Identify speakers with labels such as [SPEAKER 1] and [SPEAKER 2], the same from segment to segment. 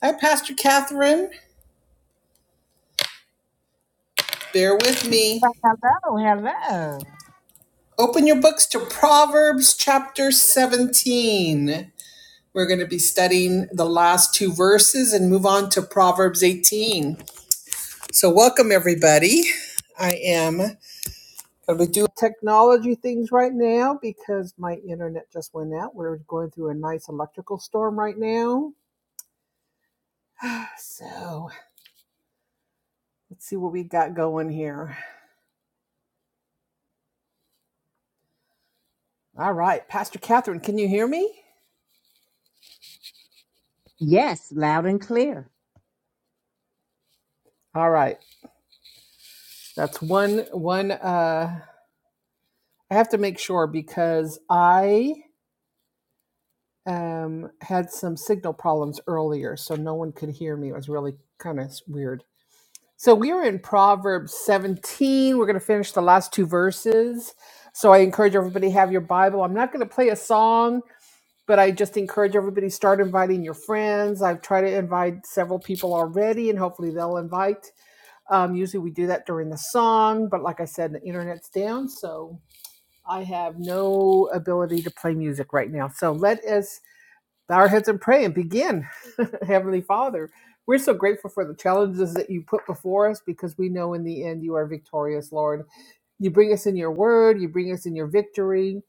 [SPEAKER 1] Hi, Pastor Catherine. Bear with me.
[SPEAKER 2] Well, Hello, hello.
[SPEAKER 1] Open your books to Proverbs chapter 17. We're going to be studying the last two verses and move on to Proverbs 18. So, welcome everybody. I am going to do technology things right now because my internet just went out. We're going through a nice electrical storm right now. So, let's see what we got going here. All right, Pastor Catherine, can you hear me?
[SPEAKER 2] Yes, loud and clear.
[SPEAKER 1] All right. That's one one uh I have to make sure because I um had some signal problems earlier so no one could hear me. It was really kind of weird. So we are in Proverbs 17. We're going to finish the last two verses. So I encourage everybody to have your Bible. I'm not going to play a song, but I just encourage everybody to start inviting your friends. I've tried to invite several people already and hopefully they'll invite. Um, usually we do that during the song, but like I said, the internet's down, so I have no ability to play music right now. So let us bow our heads and pray and begin. Heavenly Father, we're so grateful for the challenges that you put before us because we know in the end you are victorious, Lord. You bring us in your word, you bring us in your victory.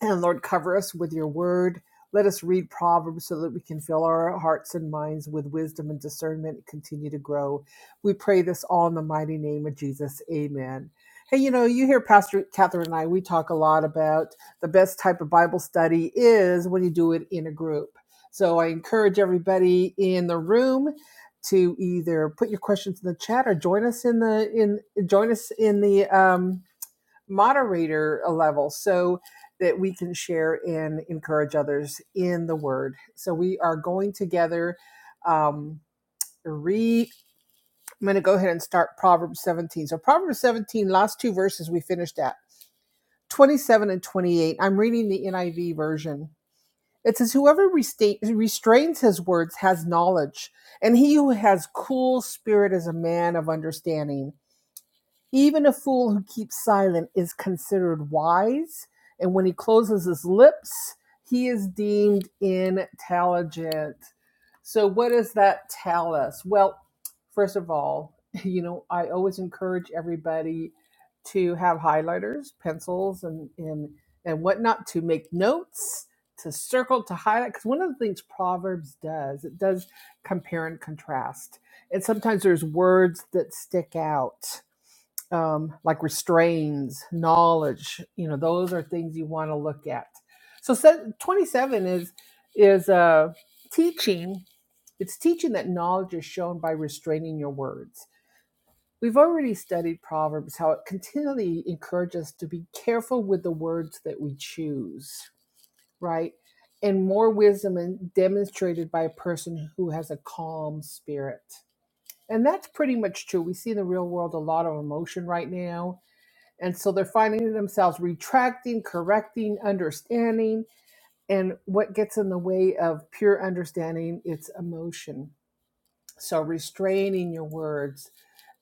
[SPEAKER 1] And Lord, cover us with your word. Let us read Proverbs so that we can fill our hearts and minds with wisdom and discernment and continue to grow. We pray this all in the mighty name of Jesus. Amen. Hey, you know, you hear Pastor Catherine and I, we talk a lot about the best type of Bible study is when you do it in a group. So I encourage everybody in the room to either put your questions in the chat or join us in the in join us in the um, moderator level so that we can share and encourage others in the word. So we are going together. Um, read, I'm going to go ahead and start Proverbs 17. So, Proverbs 17, last two verses we finished at 27 and 28. I'm reading the NIV version. It says, Whoever resta- restrains his words has knowledge, and he who has cool spirit is a man of understanding. Even a fool who keeps silent is considered wise, and when he closes his lips, he is deemed intelligent. So, what does that tell us? Well, first of all, you know, I always encourage everybody to have highlighters, pencils, and and and whatnot to make notes, to circle, to highlight. Because one of the things Proverbs does, it does compare and contrast, and sometimes there's words that stick out um, like restraints, knowledge. You know, those are things you want to look at. So se- 27 is is uh, teaching. It's teaching that knowledge is shown by restraining your words. We've already studied Proverbs, how it continually encourages us to be careful with the words that we choose, right? And more wisdom is demonstrated by a person who has a calm spirit. And that's pretty much true. We see in the real world a lot of emotion right now and so they're finding themselves retracting, correcting, understanding. And what gets in the way of pure understanding? It's emotion. So restraining your words,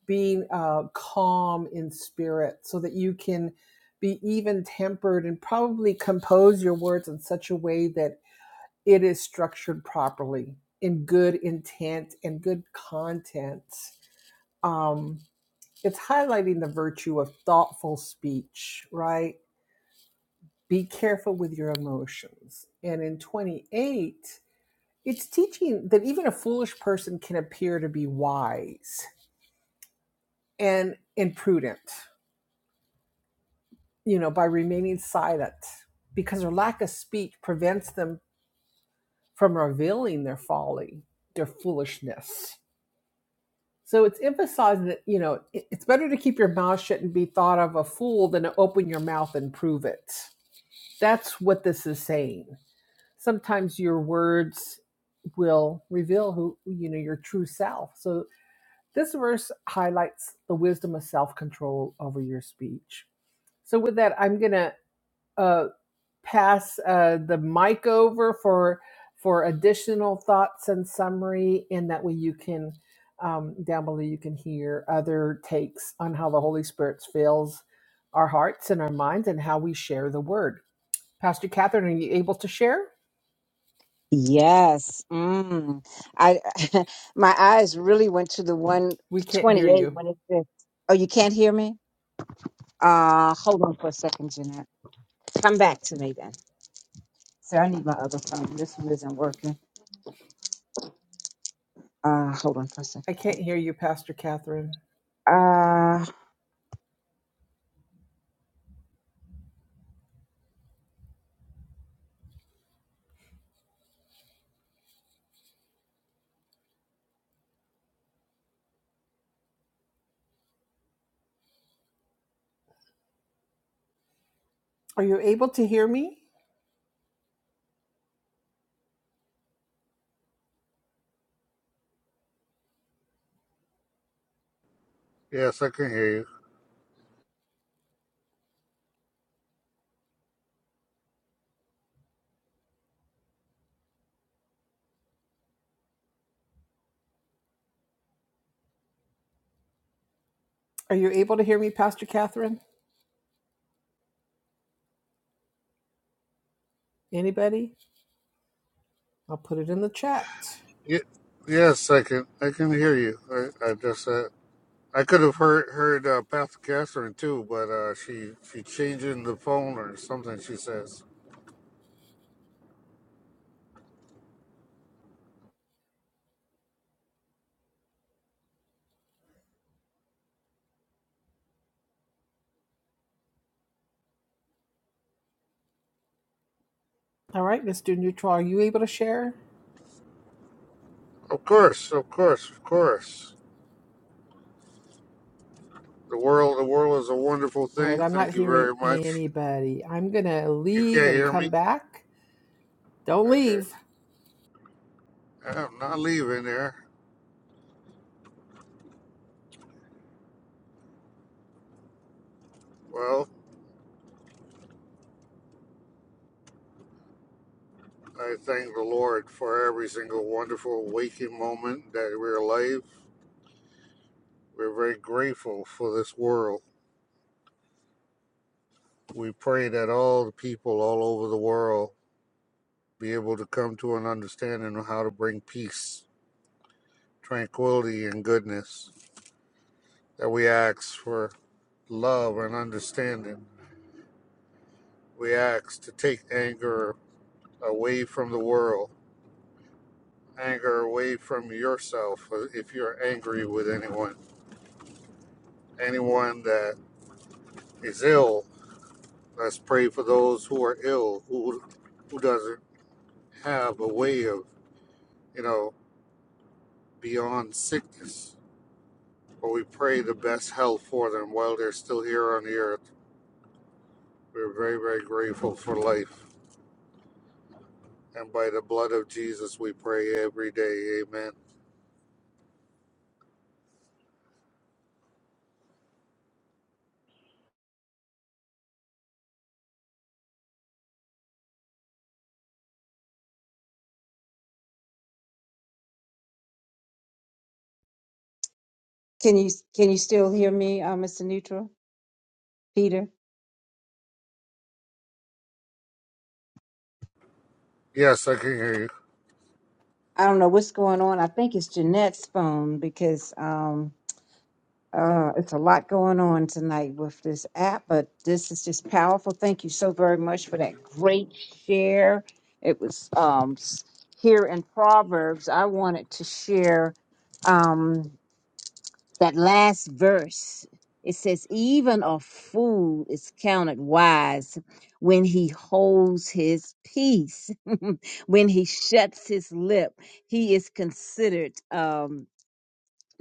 [SPEAKER 1] being uh, calm in spirit so that you can be even tempered and probably compose your words in such a way that it is structured properly in good intent and good content. Um, it's highlighting the virtue of thoughtful speech, right? be careful with your emotions. And in 28, it's teaching that even a foolish person can appear to be wise and imprudent, you know, by remaining silent because their lack of speech prevents them from revealing their folly, their foolishness. So it's emphasizing that, you know, it's better to keep your mouth shut and be thought of a fool than to open your mouth and prove it. That's what this is saying sometimes your words will reveal who you know your true self. So this verse highlights the wisdom of self-control over your speech. So with that, I'm gonna uh, pass uh, the mic over for for additional thoughts and summary, and that way you can um, down below you can hear other takes on how the Holy Spirit fills our hearts and our minds and how we share the word. Pastor Catherine, are you able to share?
[SPEAKER 2] Yes. Mm. I my eyes really went to the
[SPEAKER 1] We can't hear
[SPEAKER 2] 128
[SPEAKER 1] you.
[SPEAKER 2] when it said, "Oh, you can't hear me." Uh, hold on for a second, Jeanette. Come back to me then. So I need my other phone. This one isn't working. Uh, hold on for a second.
[SPEAKER 1] I can't hear you, Pastor Catherine.
[SPEAKER 2] Uh,
[SPEAKER 1] Are you able to hear me?
[SPEAKER 3] Yes, I can hear you.
[SPEAKER 1] Are you able to hear me, Pastor Catherine? Anybody? I'll put it in the chat.
[SPEAKER 3] Ye- Yes, I can. I can hear you. I, I just uh, I could have heard heard uh, Pastor Catherine too, but uh, she she changing the phone or something. She says,
[SPEAKER 1] All right, Mr. Neutral, are you able to share?
[SPEAKER 3] "Of course, of course, of course. The world, the world is a wonderful
[SPEAKER 1] All
[SPEAKER 3] thing.
[SPEAKER 1] right, I'm not
[SPEAKER 3] Thank you
[SPEAKER 1] hearing
[SPEAKER 3] very much.
[SPEAKER 1] anybody. I'm going to
[SPEAKER 3] You
[SPEAKER 1] leave
[SPEAKER 3] can't
[SPEAKER 1] and
[SPEAKER 3] hear
[SPEAKER 1] come
[SPEAKER 3] me?
[SPEAKER 1] back. Don't
[SPEAKER 3] Okay,
[SPEAKER 1] leave.
[SPEAKER 3] I'm not leaving there. Well, I thank the Lord for every single wonderful waking moment that we're alive. We're very grateful for this world We pray that all the people all over the world be able to come to an understanding of how to bring peace, tranquility, and goodness. That we ask for love and understanding. We ask to take anger away from the world, anger away from yourself uh, if you're angry with anyone. Anyone that is ill, let's pray for those who are ill, who, who doesn't have a way of, you know, beyond sickness But we pray the best health for them while they're still here on the earth. We're very, very grateful for life. And by the blood of Jesus, we pray every day. Amen.
[SPEAKER 2] can you can you still hear me, uh, Mr. Neutral, Peter?
[SPEAKER 3] Yes, I can hear you.
[SPEAKER 2] I don't know what's going on. I think it's Jeanette's phone because um Uh, it's a lot going on tonight with this app, but this is just powerful. Thank you so very much for that great share. It was um, s- here in Proverbs. I wanted to share um, that last verse. It says, Even a fool is counted wise when he holds his peace, when he shuts his lip, he is considered. Um,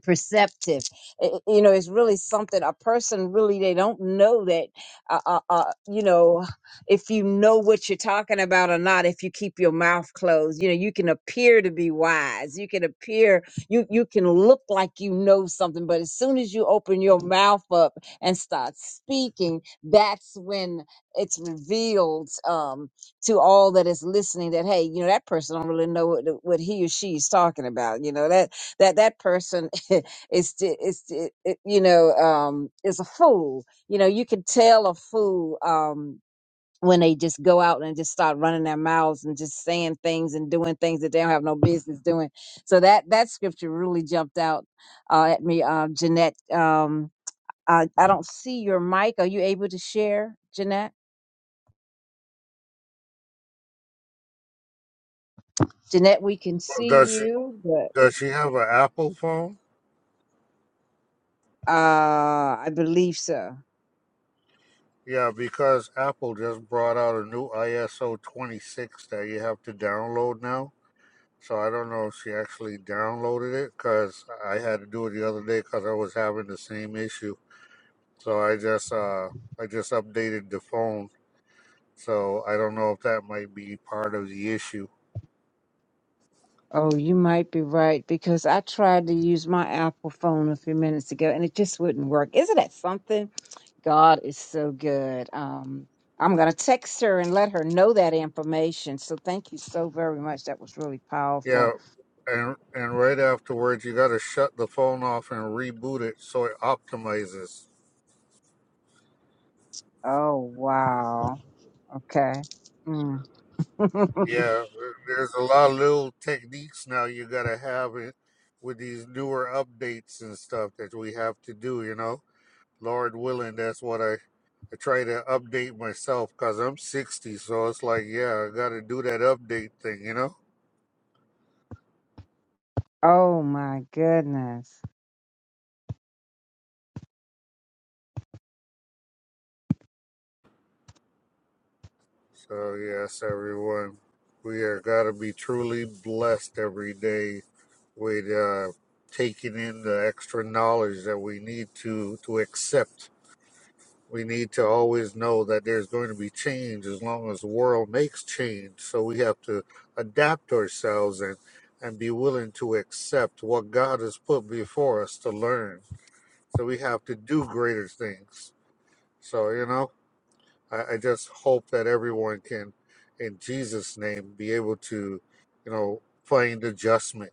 [SPEAKER 2] perceptive. I- I- you know, it's really something a person really they don't know that. Uh, uh, uh, you know, if you know what you're talking about or not, if you keep your mouth closed, you know, you can appear to be wise. You can appear you you can look like you know something, but as soon as you open your mouth up and start speaking, that's when it's revealed um, to all that is listening that hey, you know, that person don't really know what, what he or she is talking about. You know that that that person is t- is t- it- you know um is a fool you know you can tell a fool um when they just go out and just start running their mouths and just saying things and doing things that they don't have no business doing so that that scripture really jumped out uh, at me um jeanette um I, I don't see your mic are you able to share jeanette jeanette we can
[SPEAKER 3] Well,
[SPEAKER 2] see
[SPEAKER 3] Does she,
[SPEAKER 2] you but
[SPEAKER 3] does she have an Apple phone?
[SPEAKER 2] uh i believe so
[SPEAKER 3] Yeah, because Apple just brought out a new ISO 26 that you have to download now. So I don't know if she actually downloaded it because I had to do it the other day because I was having the same issue. So I just uh I just updated the phone So I don't know if that might be part of the issue.
[SPEAKER 2] Oh, you might be right because I tried to use my Apple phone a few minutes ago and it just wouldn't work. Isn't that something? God is so good. Um, I'm going to text her and let her know that information. So thank you so very much. That was really
[SPEAKER 3] Yeah,
[SPEAKER 2] powerful.
[SPEAKER 3] and and right afterwards you got to shut the phone off and reboot it so it optimizes.
[SPEAKER 2] Oh, wow. Okay. Mm.
[SPEAKER 3] Yeah, there- there's a lot of little techniques now you got to have it with these newer updates and stuff that we have to do. You know, Lord willing, that's what I. I try to update myself because I'm 60, so it's like, yeah, I got to do that update thing, you know?
[SPEAKER 2] Oh, my goodness.
[SPEAKER 3] So, yes, everyone, we are got to be truly blessed every day with uh, taking in the extra knowledge that we need to to accept. We need to always know that there's going to be change as long as the world makes change. So we have to adapt ourselves and and be willing to accept what God has put before us to learn. So we have to do greater things. So you know. I, I just hope that everyone can, in Jesus' name, be able to, you know, find adjustment,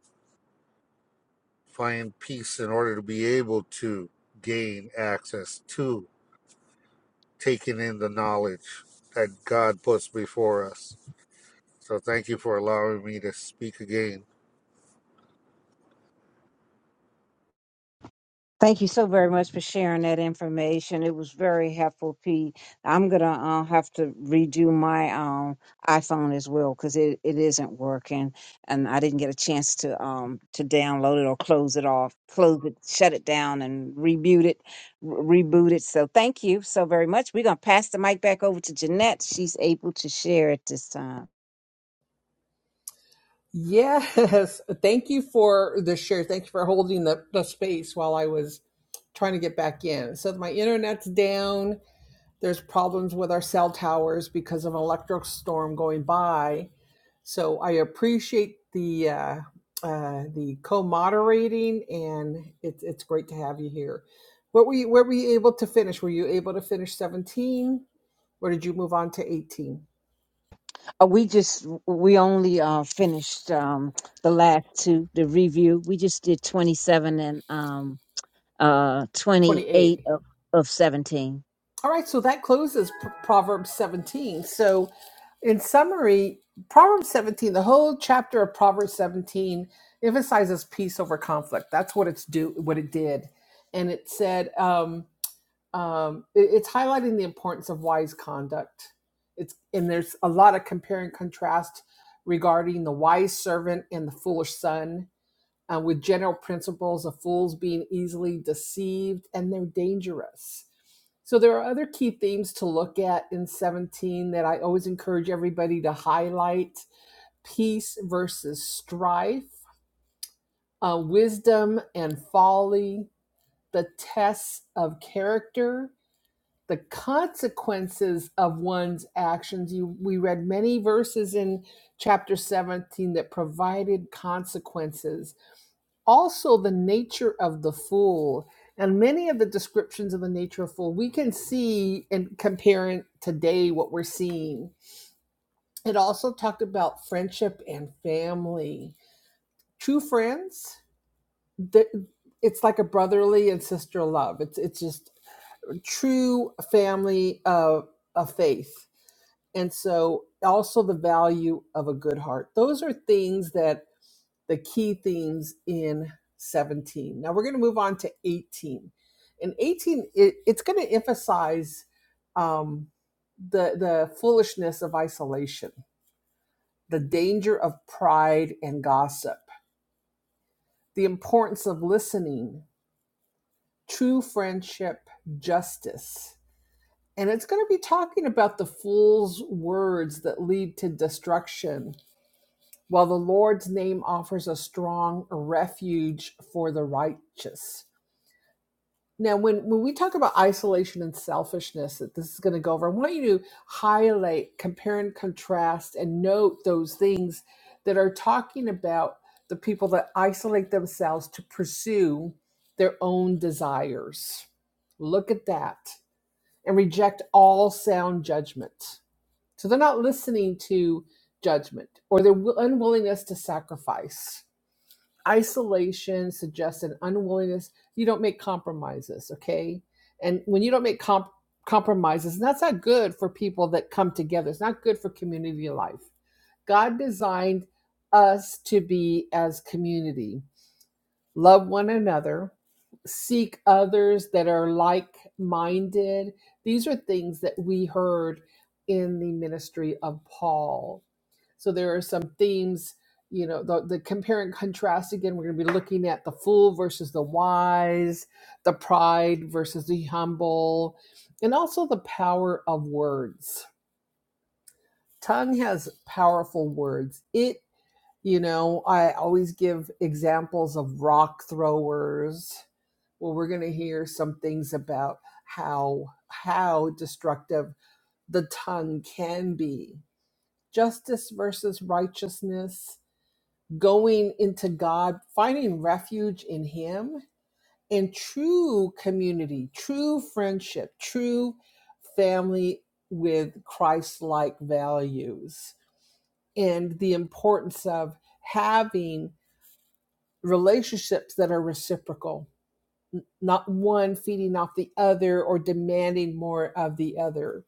[SPEAKER 3] find peace in order to be able to gain access to taking in the knowledge that God puts before us. So thank you for allowing me to speak again.
[SPEAKER 2] Thank you so very much for sharing that information. It was very helpful, Pete. I'm gonna uh, have to redo my um, iPhone as well because it, it isn't working, and I didn't get a chance to um, to download it or close it off, close it, shut it down, and reboot it, re- reboot it. So thank you so very much. We're gonna pass the mic back over to Jeanette. She's able to share it this time.
[SPEAKER 1] Yes. Thank you for the share. Thank you for holding the, the space while I was trying to get back in. So my internet's down. There's problems with our cell towers because of an electric storm going by. So I appreciate the uh, uh, the co-moderating, and it's it's great to have you here. What were you, where were you able to finish? Were you able to finish 17, or did you move on to 18,
[SPEAKER 2] Uh, we just we only uh, finished um, the last two, the review. We just did 27 and um uh, 28
[SPEAKER 1] 28?
[SPEAKER 2] of, of 17.
[SPEAKER 1] All right, so that closes P- Proverbs 17. So, in summary, Proverbs 17, the whole chapter of Proverbs 17 emphasizes peace over conflict. That's what it's do what it did, and it said um, um, it- it's highlighting the importance of wise conduct. It's and there's a lot of compare and contrast regarding the wise servant and the foolish son uh, with general principles of fools being easily deceived and they're dangerous. So there are other key themes to look at in 17 that I always encourage everybody to highlight peace versus strife, uh, wisdom and folly, the tests of character, the consequences of one's actions. You, we read many verses in chapter 17 that provided consequences also the nature of the fool and many of the descriptions of the nature of fool we can see and comparing today what we're seeing it also talked about friendship and family true friends it's like a brotherly and sister love it's it's just true family of of faith and so also the value of a good heart those are things that the key themes in 17. Now we're going to move on to 18. In 18, it, it's going to emphasize um, the, the foolishness of isolation, the danger of pride and gossip, the importance of listening, true friendship, justice. And it's going to be talking about the fool's words that lead to destruction, while the Lord's name offers a strong refuge for the righteous Now, when, when we talk about isolation and selfishness, that this is going to go over, I want you to highlight, compare and contrast, and note those things that are talking about the people that isolate themselves to pursue their own desires. Look at that and reject all sound judgment. So they're not listening to judgment or their unwillingness to sacrifice isolation suggests an unwillingness you don't make compromises okay and when you don't make comp- compromises and that's not good for people that come together it's not good for community life god designed us to be as community love one another seek others that are like minded these are things that we heard in the ministry of paul so there are some themes, you know, the, the compare and contrast again. We're going to be looking at the fool versus the wise, the pride versus the humble, and also the power of words. Tongue has powerful words. It, you know, I always give examples of rock throwers. Well, we're going to hear some things about how how destructive the tongue can be. Justice versus righteousness going into God, finding refuge in Him, and true community, true friendship, true family with Christ like values, and the importance of having relationships that are reciprocal not one feeding off the other or demanding more of the other.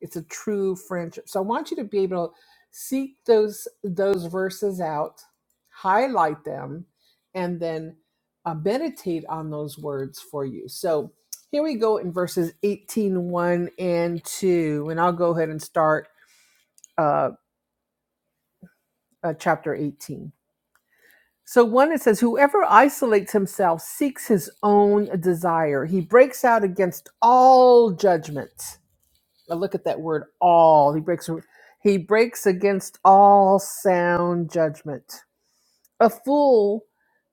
[SPEAKER 1] It's a true friendship. So I want you to be able to seek those those verses out, highlight them, and then uh, meditate on those words for you. So here we go in verses eighteen, one and 2. And I'll go ahead and start uh, uh, chapter 18. So one it says, whoever isolates himself seeks his own desire. He breaks out against all judgments. Now look at that word all. He breaks he breaks against all sound judgment. A fool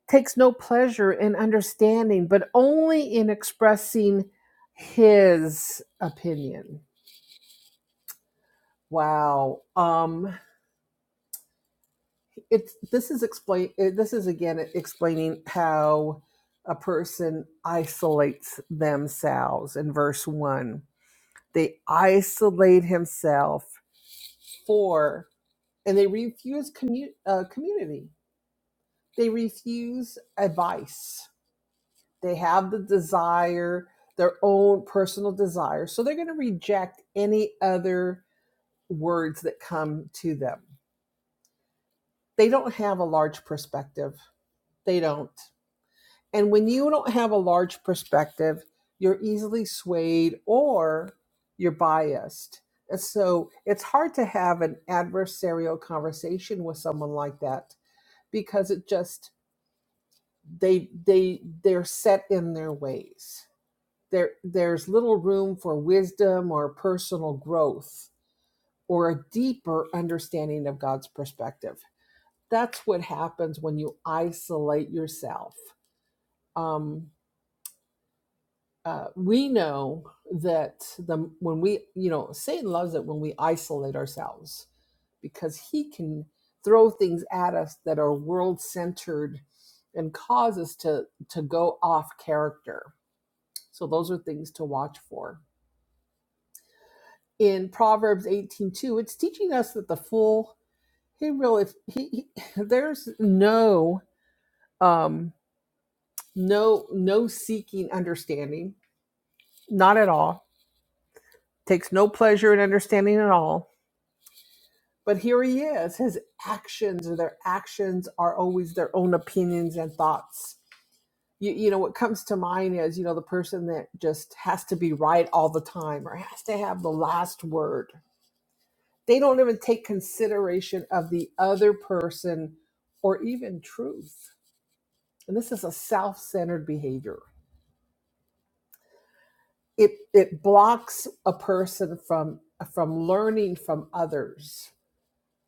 [SPEAKER 1] takes no pleasure in understanding, but only in expressing his opinion. Wow. Um it's this is explain this is again explaining how a person isolates themselves in verse 1 they isolate himself for and they refuse commu- uh, community they refuse advice they have the desire their own personal desire so they're going to reject any other words that come to them they don't have a large perspective they don't And when you don't have a large perspective, you're easily swayed or you're biased. And so it's hard to have an adversarial conversation with someone like that because it just they they they're set in their ways. There there's little room for wisdom or personal growth or a deeper understanding of God's perspective. That's what happens when you isolate yourself. Um, uh, we know that the when we you know Satan loves it when we isolate ourselves because he can throw things at us that are world centered and cause us to to go off character. So those are things to watch for. In Proverbs 18:2, it's teaching us that the fool he really he, he there's no um no no seeking understanding, not at all. Takes no pleasure in understanding at all But here he is. His actions or their actions are always their own opinions and thoughts. You, you know, what comes to mind is, you know, the person that just has to be right all the time or has to have the last word. They don't even take consideration of the other person or even truth. And this is a self-centered behavior. It it blocks a person from from learning from others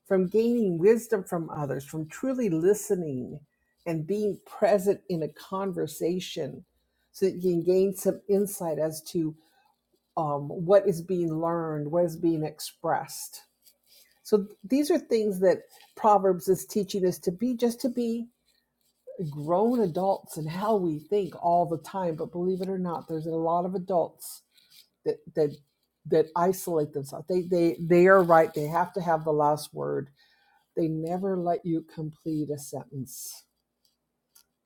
[SPEAKER 1] from gaining wisdom from others, from truly listening and being present in a conversation so that you can gain some insight as to um, what is being learned, what is being expressed. So these are things that Proverbs is teaching us to be just to be grown adults and how we think all the time. But believe it or not, there's a lot of adults that that that isolate themselves. They they they are right. They have to have the last word they never let you complete a sentence.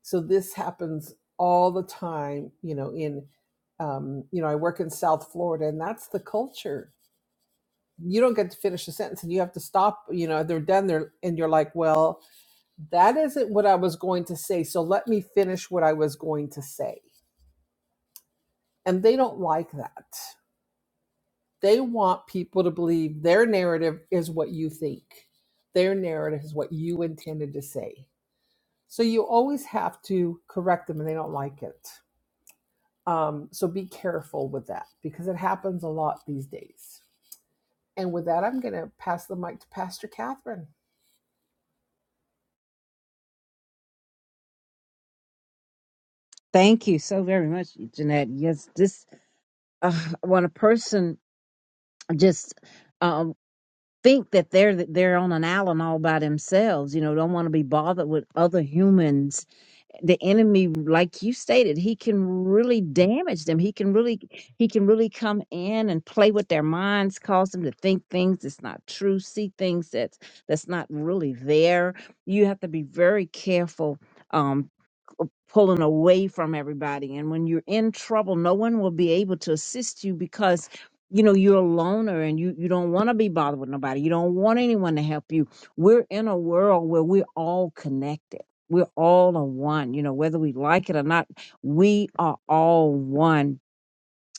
[SPEAKER 1] So this happens all the time, you know, in um, you know, I work in South Florida and that's the culture. You don't get to finish a sentence and you have to stop, you know, they're done there and you're like, well, that isn't what I was going to say. So let me finish what I was going to say. And they don't like that. They want people to believe their narrative is what you think. Their narrative is what you intended to say. So you always have to correct them and they don't like it. Um, so be careful with that because it happens a lot these days. And with that, I'm going to pass the mic to Pastor Catherine.
[SPEAKER 2] Thank you so very much, Jeanette. Yes, this uh, when a person just um, think that they're they're on an island all by themselves, you know, don't want to be bothered with other humans the enemy like you stated he can really damage them he can really he can really come in and play with their minds cause them to think things that's not true see things that's that's not really there you have to be very careful um pulling away from everybody. And when you're in trouble, no one will be able to assist you because you know you're a loner and you you don't want to be bothered with nobody. You don't want anyone to help you. We're in a world where we're all connected. We're all a one, you know, whether we like it or not, we are all one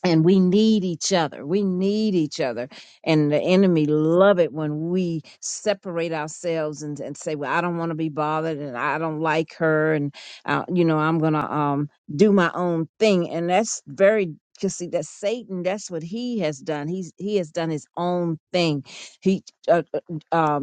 [SPEAKER 2] and we need each other we need each other and the enemy love it when we separate ourselves and, and say well i don't want to be bothered and i don't like her and uh, you know i'm gonna um do my own thing and that's very because see that satan that's what he has done he's he has done his own thing he uh, uh, um,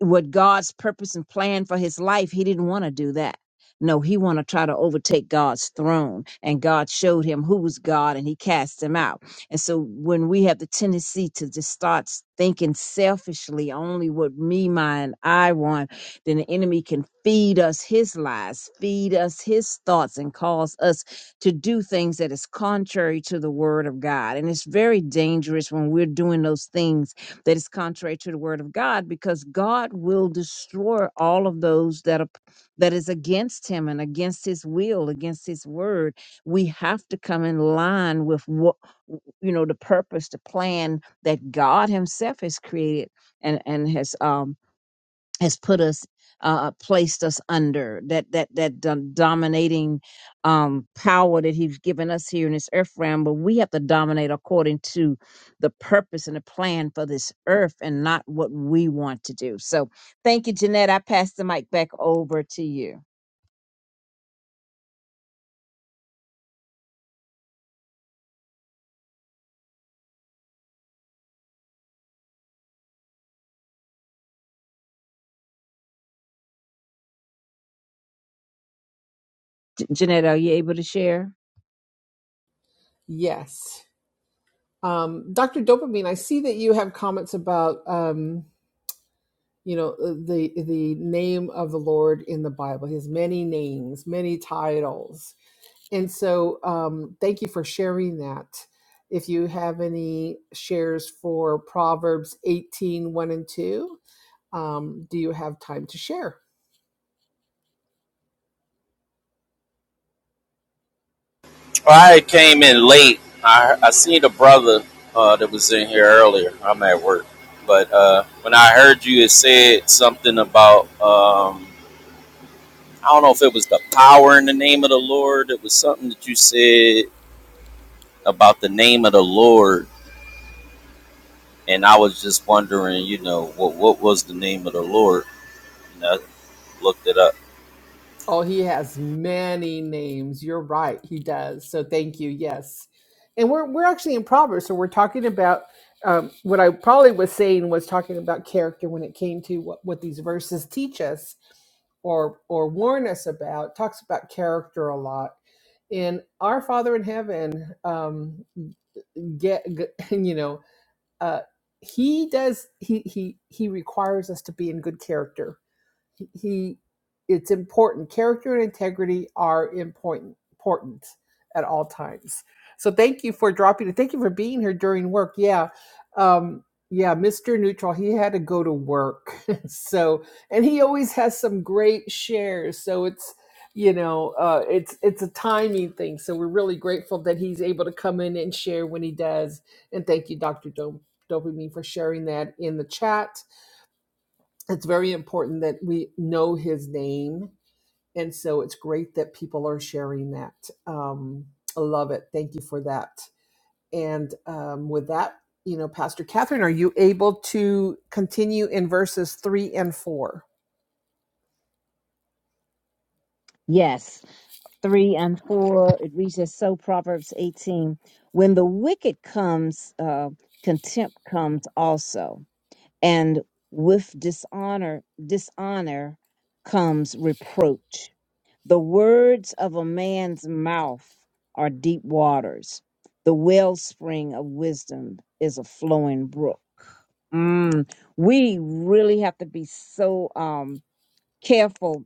[SPEAKER 2] what God's purpose and plan for his life, he didn't want to do that. No, he want to try to overtake God's throne. And God showed him who was God and he cast him out. And so when we have the tendency to just start s- thinking selfishly, only what me, mine, I want, then the enemy can feed us his lies, feed us his thoughts and cause us to do things that is contrary to the word of God. And it's very dangerous when we're doing those things that is contrary to the word of God because God will destroy all of those that are that is against him and against his will, against his word. We have to come in line with what you know the purpose, the plan that God himself has created and and has um has put us uh placed us under that that that dom- dominating um power that he's given us here in this earth realm but we have to dominate according to the purpose and the plan for this earth and not what we want to do so thank you jeanette i pass the mic back over to you J- jeanette are you able to share
[SPEAKER 1] Yes. Um, Dr. Dopamine, I see that you have comments about, um, you know, uh, the, the name of the Lord in the Bible. He has many names, many titles. And so um, thank you for sharing that. If you have any shares for Proverbs eighteen one and 2. Um, do you have time to share?
[SPEAKER 4] I came in late. I I seen a brother uh, that was in here earlier. I'm at work, but uh, when I heard you, it said something about um, I don't know if it was the power in the name of the Lord. It was something that you said about the name of the Lord, and I was just wondering, you know, what what was the name of the Lord? And I looked it up.
[SPEAKER 1] Oh, he has many names. You're right. He does. So thank you. Yes. And we're, we're actually in Proverbs. So we're talking about um, what I probably was saying was talking about character when it came to what, what these verses teach us or, or warn us about. Talks about character a lot. And our Father in heaven, um, get, you know, uh, he does, he, he, he requires us to be in good character he, he it's important. Character and integrity are important important at all times. So thank you for dropping it. Thank you for being here during work. Yeah. Um yeah, Mr. Neutral, he had to go to work. so, and he always has some great shares. So it's, you know, uh, it's it's a timing thing. So we're really grateful that he's able to come in and share when he does. And thank you, Dr. Dom- Dopamine, for sharing that in the chat it's very important that we know his name. And so it's great that people are sharing that. Um, I love it. Thank you for that. And um, with that, you know, Pastor Catherine, are you able to continue in verses three and four?
[SPEAKER 2] yes three and four it reads as so proverbs 18 when the wicked comes uh contempt comes also and with dishonor dishonor comes reproach the words of a man's mouth are deep waters the wellspring of wisdom is a flowing brook mm, we really have to be so um careful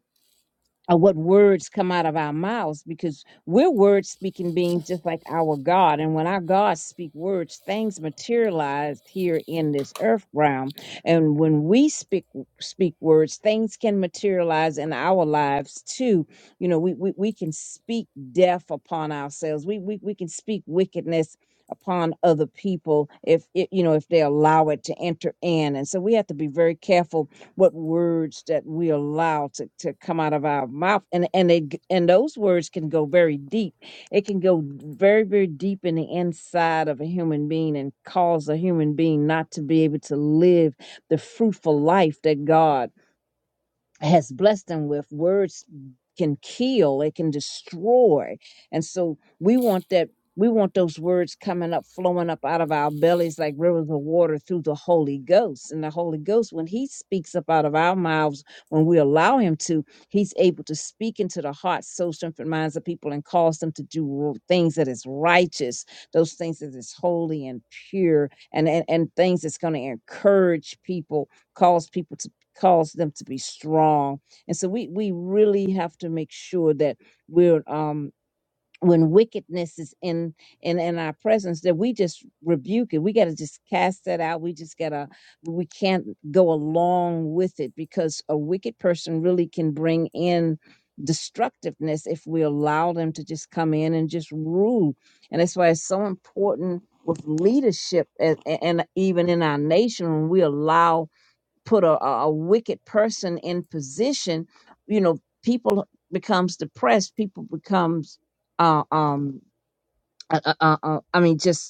[SPEAKER 2] or what words come out of our mouths because we're word speaking beings just like our God. And when our God speak words, things materialize here in this earth realm. And when we speak speak words, things can materialize in our lives too. You know, we we, we can speak death upon ourselves. We, we we can speak wickedness upon other people if it, you know if they allow it to enter in and so we have to be very careful what words that we allow to, to come out of our mouth and and they g- and those words can go very deep it can go very very deep in the inside of a human being and cause a human being not to be able to live the fruitful life that god has blessed them with words can kill it can destroy and so we want that we want those words coming up flowing up out of our bellies like rivers of water through the holy ghost and the holy ghost when he speaks up out of our mouths when we allow him to he's able to speak into the hearts souls, strength and minds of people and cause them to do things that is righteous those things that is holy and pure and and, and things that's going to encourage people cause people to cause them to be strong. And so we we really have to make sure that we're um when wickedness is in in in our presence that we just rebuke it. We got to just cast that out. We just got to we can't go along with it because a wicked person really can bring in destructiveness if we allow them to just come in and just rule. And that's why it's so important with leadership and, and even in our nation when we allow put a, a a wicked person in position, you know, people becomes depressed. People becomes, uh, um, uh, uh, uh, uh, I mean, just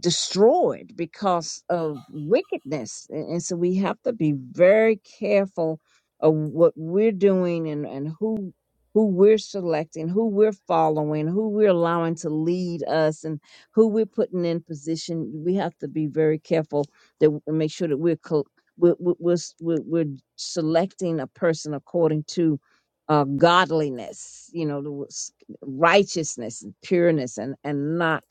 [SPEAKER 2] destroyed because of wickedness. And, and so we have to be very careful of what we're doing and, and who who we're selecting, who we're following, who we're allowing to lead us and who we're putting in position. We have to be very careful that w- and make sure that we're co- we're, we're, we're, s- we're we're selecting a person according to uh, godliness, you know, the w- s- righteousness and pureness and, and not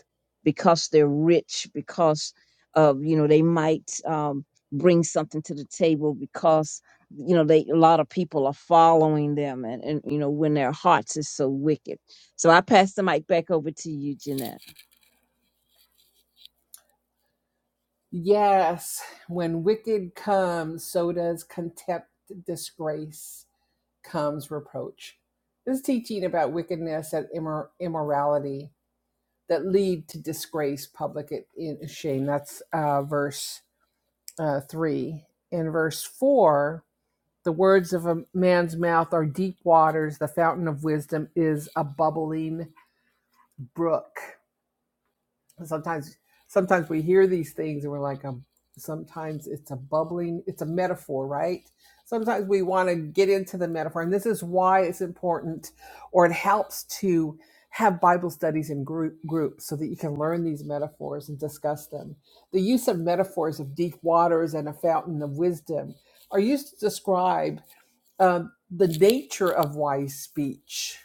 [SPEAKER 2] because they're rich, because of you know they might um, bring something to the table, because you know they a lot of people are following them, and, and you know when their hearts is so wicked. So I pass the mic back over to you, Jeanette.
[SPEAKER 1] Yes, when wicked comes, so does contempt, disgrace, comes reproach. This is teaching about wickedness and immor- immorality that lead to disgrace, public in shame. That's uh, verse uh, 3. In verse 4, the words of a man's mouth are deep waters, the fountain of wisdom is a bubbling brook. sometimes sometimes we hear these things and we're like um sometimes it's a bubbling it's a metaphor right sometimes we want to get into the metaphor and this is why it's important or it helps to have bible studies in group groups so that you can learn these metaphors and discuss them the use of metaphors of deep waters and a fountain of wisdom are used to describe um, the nature of wise speech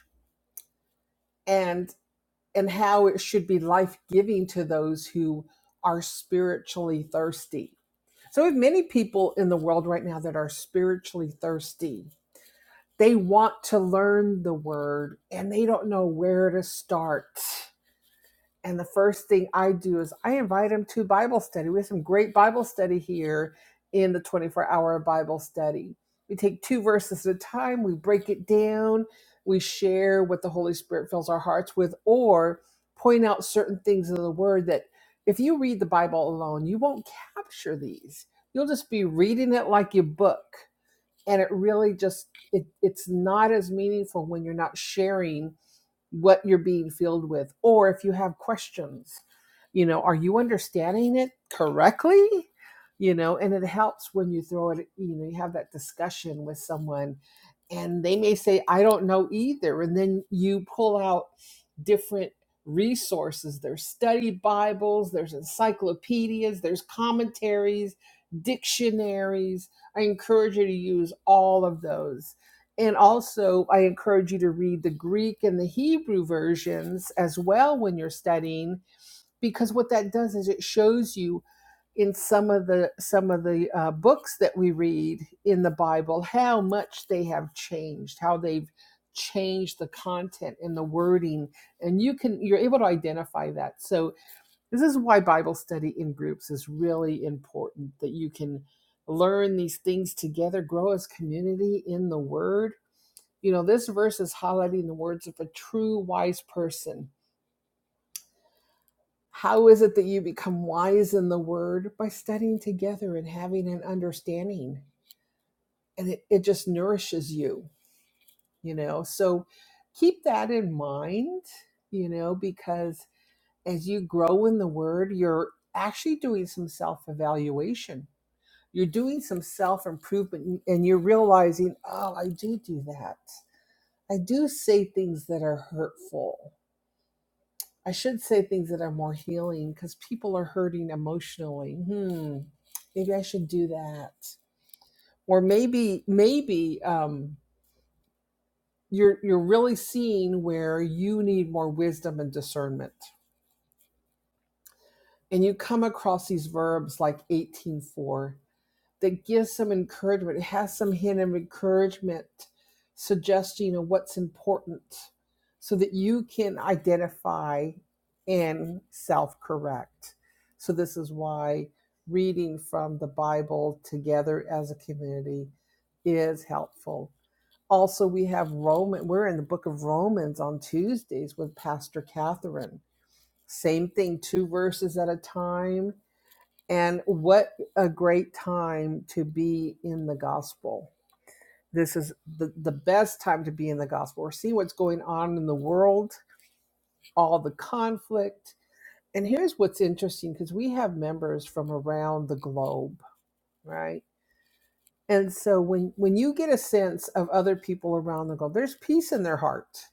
[SPEAKER 1] and and how it should be life giving to those who are spiritually thirsty. So, we have many people in the world right now that are spiritually thirsty. They want to learn the word and they don't know where to start. And the first thing I do is I invite them to Bible study. We have some great Bible study here in the 24 hour Bible study. We take two verses at a time, we break it down, we share what the Holy Spirit fills our hearts with, or point out certain things in the Word that if you read the Bible alone, you won't capture these. You'll just be reading it like your book. And it really just it, it's not as meaningful when you're not sharing what you're being filled with or if you have questions you know are you understanding it correctly you know and it helps when you throw it you know you have that discussion with someone and they may say i don't know either and then you pull out different resources. There's study Bibles, there's encyclopedias, there's commentaries, dictionaries. I encourage you to use all of those. And also, I encourage you to read the Greek and the Hebrew versions as well when you're studying, because what that does is it shows you in some of the some of the uh, books that we read in the Bible how much they have changed, how they've changed the content and the wording, and you can you're able to identify that. So this is why Bible study in groups is really important that you can learn these things together, grow as community in the Word. You know, this verse is highlighting the words of a true wise person how is it that you become wise in the word? By studying together and having an understanding. And it, it just nourishes you, you know. So keep that in mind, you know, because as you grow in the word, you're actually doing some self evaluation. You're doing some self improvement and you're realizing, oh, I do do that. I do say things that are hurtful I should say things that are more healing because people are hurting emotionally. Hmm. Maybe I should do that. Or maybe, maybe um, you're you're really seeing where you need more wisdom and discernment. And you come across these verbs like 18:4. that gives some encouragement. It has some hint of encouragement, suggesting of what's important so that you can identify and self correct. So, this is why reading from the Bible together as a community is helpful. Also, we have Roman, we're in the book of Romans on Tuesdays with Pastor Catherine. Same thing, two verses at a time and what a great time to be in the gospel. This is the, the best time to be in the gospel. or see what's going on in the world, all the conflict. And here's what's interesting because we have members from around the globe, right? And so when, when you get a sense of other people around the globe, there's peace in their heart.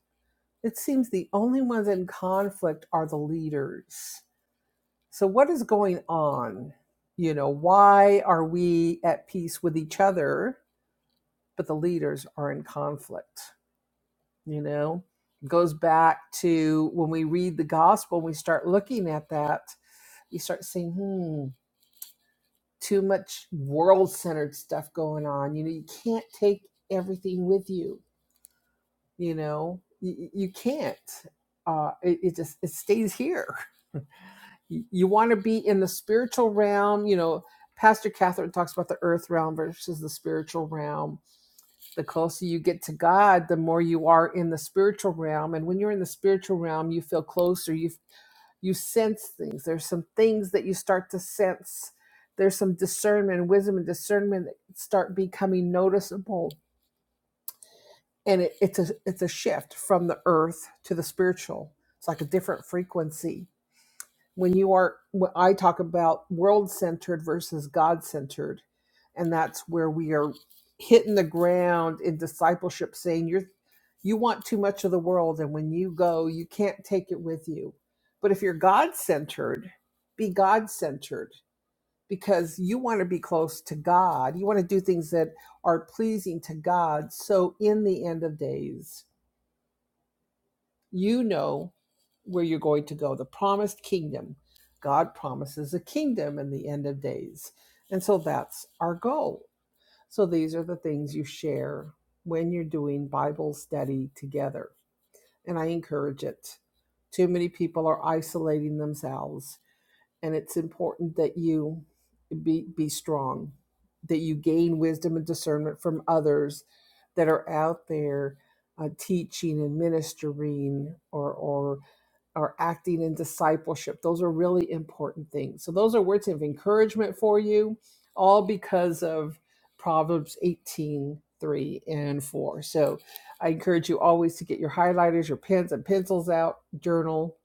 [SPEAKER 1] It seems the only ones in conflict are the leaders So, what is going on? You know, why are we at peace with each other, but the leaders are in conflict? You know, it goes back to when we read the gospel, we start looking at that, you start seeing, hmm, too much world centered stuff going on. You know, you can't take everything with you, you know, you, you can't. Uh, it, it just it stays here you want to be in the spiritual realm you know pastor catherine talks about the earth realm versus the spiritual realm the closer you get to god the more you are in the spiritual realm and when you're in the spiritual realm you feel closer you you sense things there's some things that you start to sense there's some discernment and wisdom and discernment that start becoming noticeable and it, it's a it's a shift from the earth to the spiritual it's like a different frequency when you are when i talk about world-centered versus god-centered and that's where we are hitting the ground in discipleship saying you're you want too much of the world and when you go you can't take it with you but if you're god-centered be god-centered because you want to be close to god you want to do things that are pleasing to god so in the end of days you know where you're going to go, the promised kingdom. God promises a kingdom in the end of days. And so that's our goal. So these are the things you share when you're doing Bible study together. And I encourage it. Too many people are isolating themselves. And it's important that you be, be strong, that you gain wisdom and discernment from others that are out there uh, teaching and ministering or, or or acting in discipleship. Those are really important things. So those are words of encouragement for you, all because of Proverbs 18, 3, and 4. So I encourage you always to get your highlighters, your pens and pencils out, journal,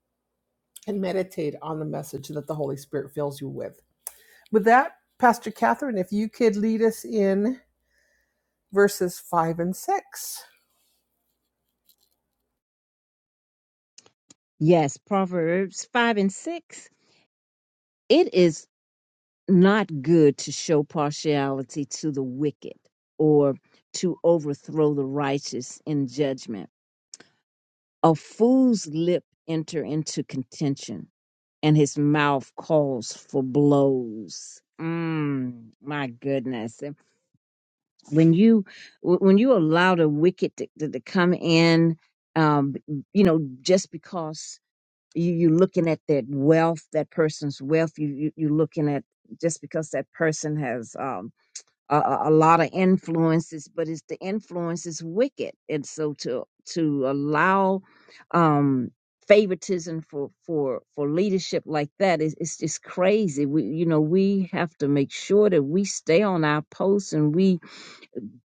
[SPEAKER 1] and meditate on the message that the Holy Spirit fills you with. With that, Pastor Catherine, if you could lead us in verses 5 and 6.
[SPEAKER 2] Yes, Proverbs 5 and 6. It is not good to show partiality to the wicked or to overthrow the righteous in judgment. A fool's lip enter into contention and his mouth calls for blows. Mm, my goodness. And When you wh- when you allow the wicked to, to, to come in, um, you know, just because you, you're looking at that wealth, that person's wealth, you, you you're looking at just because that person has um, a, a a lot of influences, but it's the influence is wicked, and so to to allow um, favoritism for for for leadership like that is it's just crazy. We you know we have to make sure that we stay on our posts and we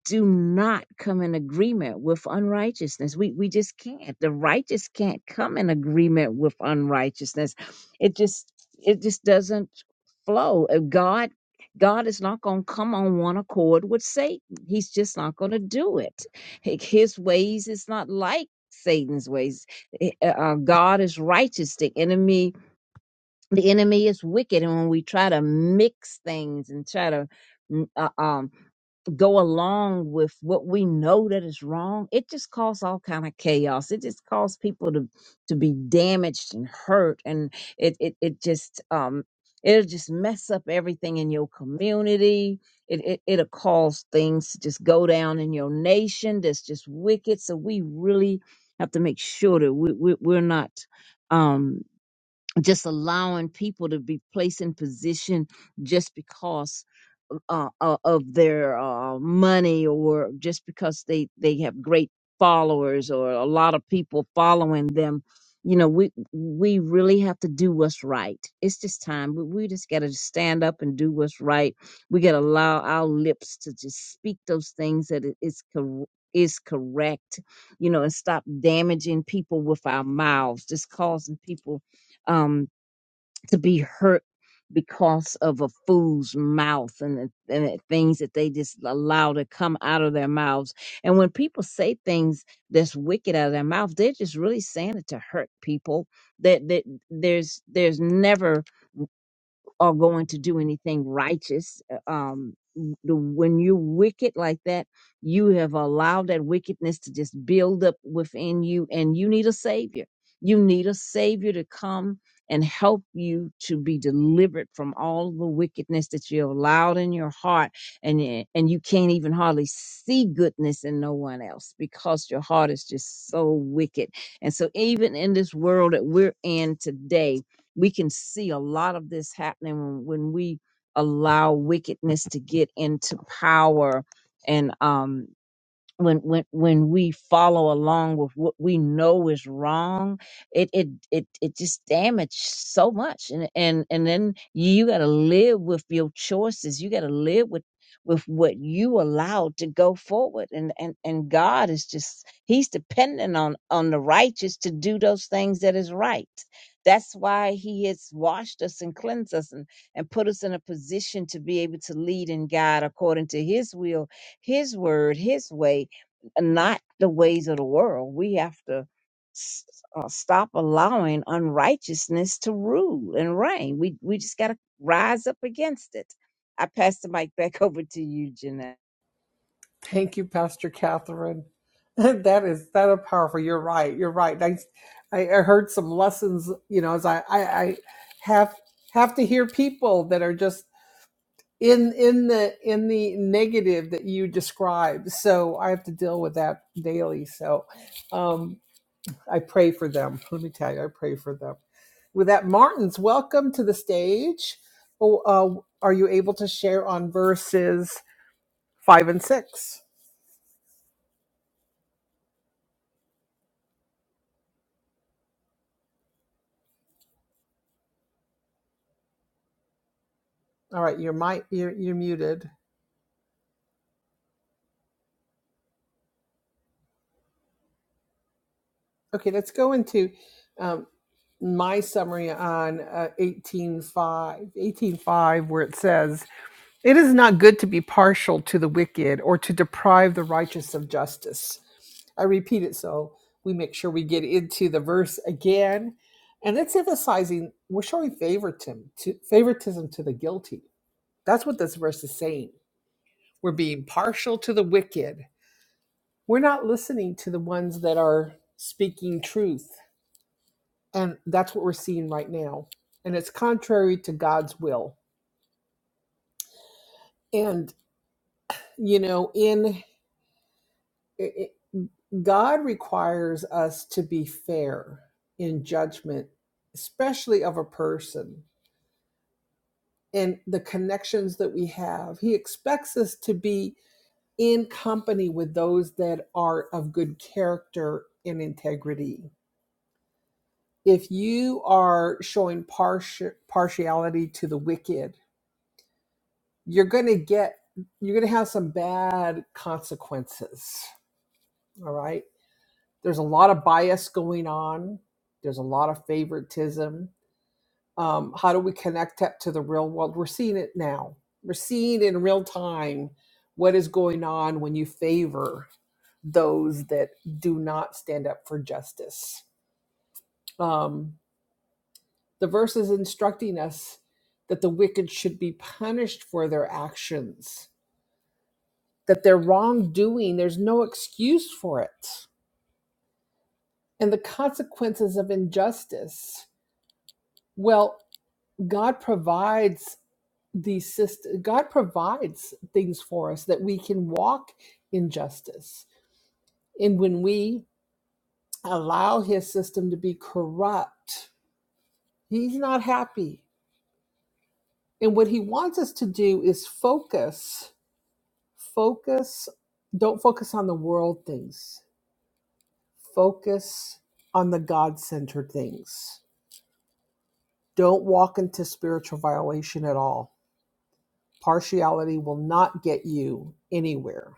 [SPEAKER 2] do not come in agreement with unrighteousness. We we just can't. The righteous can't come in agreement with unrighteousness. It just it just doesn't flow. Uh, God God is not going to come on one accord with Satan. He's just not going to do it. Hi- His ways is not like Satan's ways. Eh, uh, uh, God is righteous. The enemy the enemy is wicked and when we try to mix things and try to mm, uh, um go along with what we know that is wrong it just causes all kind of chaos it just causes people to to be damaged and hurt and it it, it just um it'll just mess up everything in your community it, it it'll cause things to just go down in your nation that's just wicked so we really have to make sure that we, we we're not um just allowing people to be placed in position just because uh, uh, of their uh, money or just because they they have great followers or a lot of people following them you know we we really have to do what's right it's just time we, we just got to stand up and do what's right we got to allow our lips to just speak those things that it- it's cor- is correct you know and stop damaging people with our mouths just causing people Um, to be hurt because of a fool's mouth and the, and the things that they just allow to come out of their mouths. And when people say things that's wicked out of their mouth, they're just really saying it to hurt people. That that there's there's never are going to do anything righteous. uh, Um, the, when you're wicked like that, you have allowed that wickedness to just build up within you, and you need a savior. You need a savior to come and help you to be delivered from all the wickedness that you allowed in your heart, and y- and you can't even hardly see goodness in no one else because your heart is just so wicked. And so, even in this world that we're in today, we can see a lot of this happening when when we allow wickedness to get into power and um when when when we follow along with what we know is wrong it it it, it just damages so much and and and then you got to live with your choices you got to live with with what you allowed to go forward and and and god is just he's dependent on on the righteous to do those things that is right that's why he has washed us and cleansed us and, and put us in a position to be able to lead and guide according to his will his word his way and not the ways of the world. We have to s- uh, stop allowing unrighteousness to rule and reign. We we just got to rise up against it. I pass the mic back over to you, Jeanette.
[SPEAKER 1] Thank you, Pastor Catherine. That is that is powerful. You're right. You're right. I I I heard some lessons. You know, as I I, I have have to hear people that are just in in the in the negative that you describe. So I have to deal with that daily. So um, I pray for them. Let me tell you, I pray for them. With that, Martins, welcome to the stage. Oh, uh, are you able to share on verses five and six? All right, your mic, you're, you're muted. Okay, let's go into um, my summary on uh, 18.5. 18.5, where it says, It is not good to be partial to the wicked or to deprive the righteous of justice. I repeat it so we make sure we get into the verse again. And it's emphasizing we're showing favoritism to favoritism to the guilty. That's what this verse is saying. We're being partial to the wicked. We're not listening to the ones that are speaking truth. And that's what we're seeing right now. And it's contrary to God's will. And, you know, in it, God requires us to be fair in judgment, especially of a person and the connections that we have. He expects us to be in company with those that are of good character and integrity if you are showing partial partiality to the wicked, you're going to get you're going to have some bad consequences. All right. There's a lot of bias going on. There's a lot of favoritism. Um, how do we connect that to the real world? We're seeing it now. We're seeing in real time what is going on when you favor those that do not stand up for justice. Um, The verse is instructing us that the wicked should be punished for their actions, that their wrongdoing, there's no excuse for it. And the consequences of injustice, well, God provides these systems, God provides things for us that we can walk in justice. And when we allow his system to be corrupt, he's not happy. And what he wants us to do is focus Focus, don't focus on the world things. Focus on the God centered things. Don't walk into spiritual violation at all. Partiality will not get you anywhere.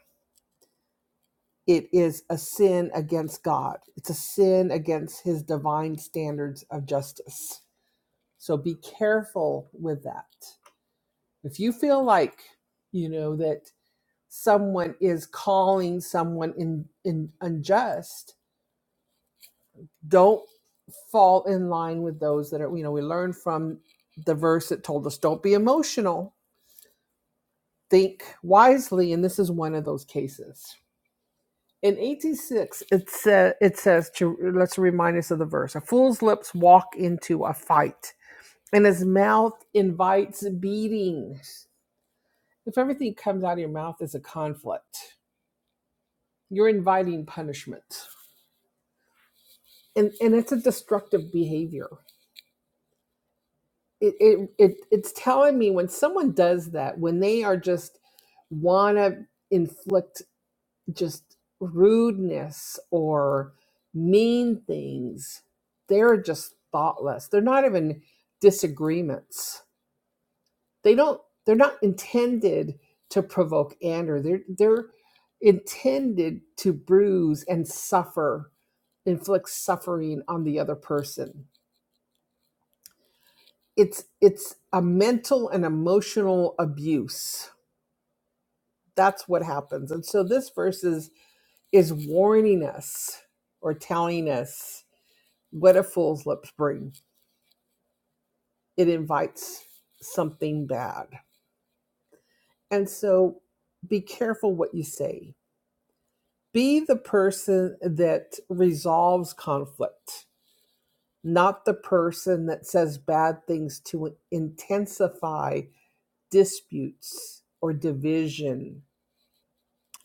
[SPEAKER 1] It is a sin against God, it's a sin against his divine standards of justice. So be careful with that. If you feel like, you know, that someone is calling someone in, in unjust, don't fall in line with those that are you know we learn from the verse that told us don't be emotional think wisely and this is one of those cases in 86 it says it says to let's remind us of the verse a fool's lips walk into a fight and his mouth invites beatings if everything comes out of your mouth is a conflict you're inviting punishment and and it's a destructive behavior it, it it it's telling me when someone does that when they are just wanna inflict just rudeness or mean things they're just thoughtless they're not even disagreements they don't they're not intended to provoke anger they're they're intended to bruise and suffer inflict suffering on the other person it's it's a mental and emotional abuse That's what happens. And so this verse is, is warning us or telling us what a fool's lips bring. It invites something bad. And so be careful what you say. Be the person that resolves conflict, not the person that says bad things to intensify disputes or division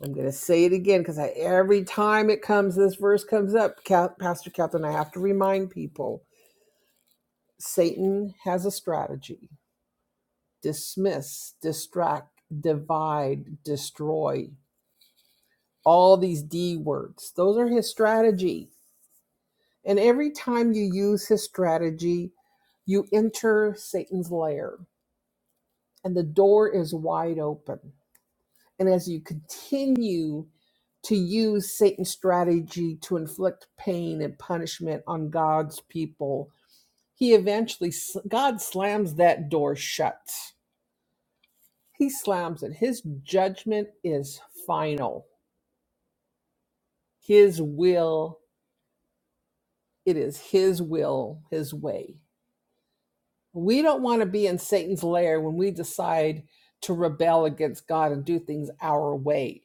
[SPEAKER 1] I'm going to say it again because I, every time it comes, this verse comes up, Ca- Pastor Catherine, I have to remind people Satan has a strategy dismiss, distract, divide, destroy, all these D words. Those are his strategy. And every time you use his strategy, you enter Satan's lair, and the door is wide open. And as you continue to use Satan's strategy to inflict pain and punishment on God's people, he eventually, God slams that door shut. He slams it. His judgment is final. His will, it is his will, his way. We don't want to be in Satan's lair when we decide to rebel against God and do things our way.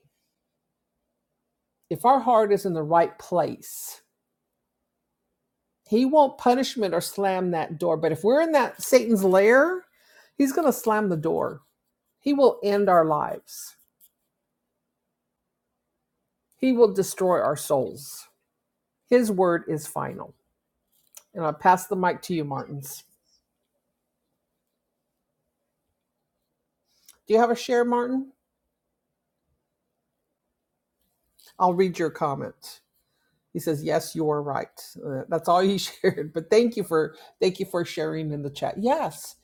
[SPEAKER 1] If our heart is in the right place, He won't punishment or slam that door. But if we're in that Satan's lair, he's going to slam the door. He will end our lives. He will destroy our souls. His word is final. And I'll pass the mic to you, Martins. Do you have a share, Martin? I'll read your comment. He says, "Yes, you are right." Uh, That's all he shared. But thank you for thank you for sharing in the chat. Yes,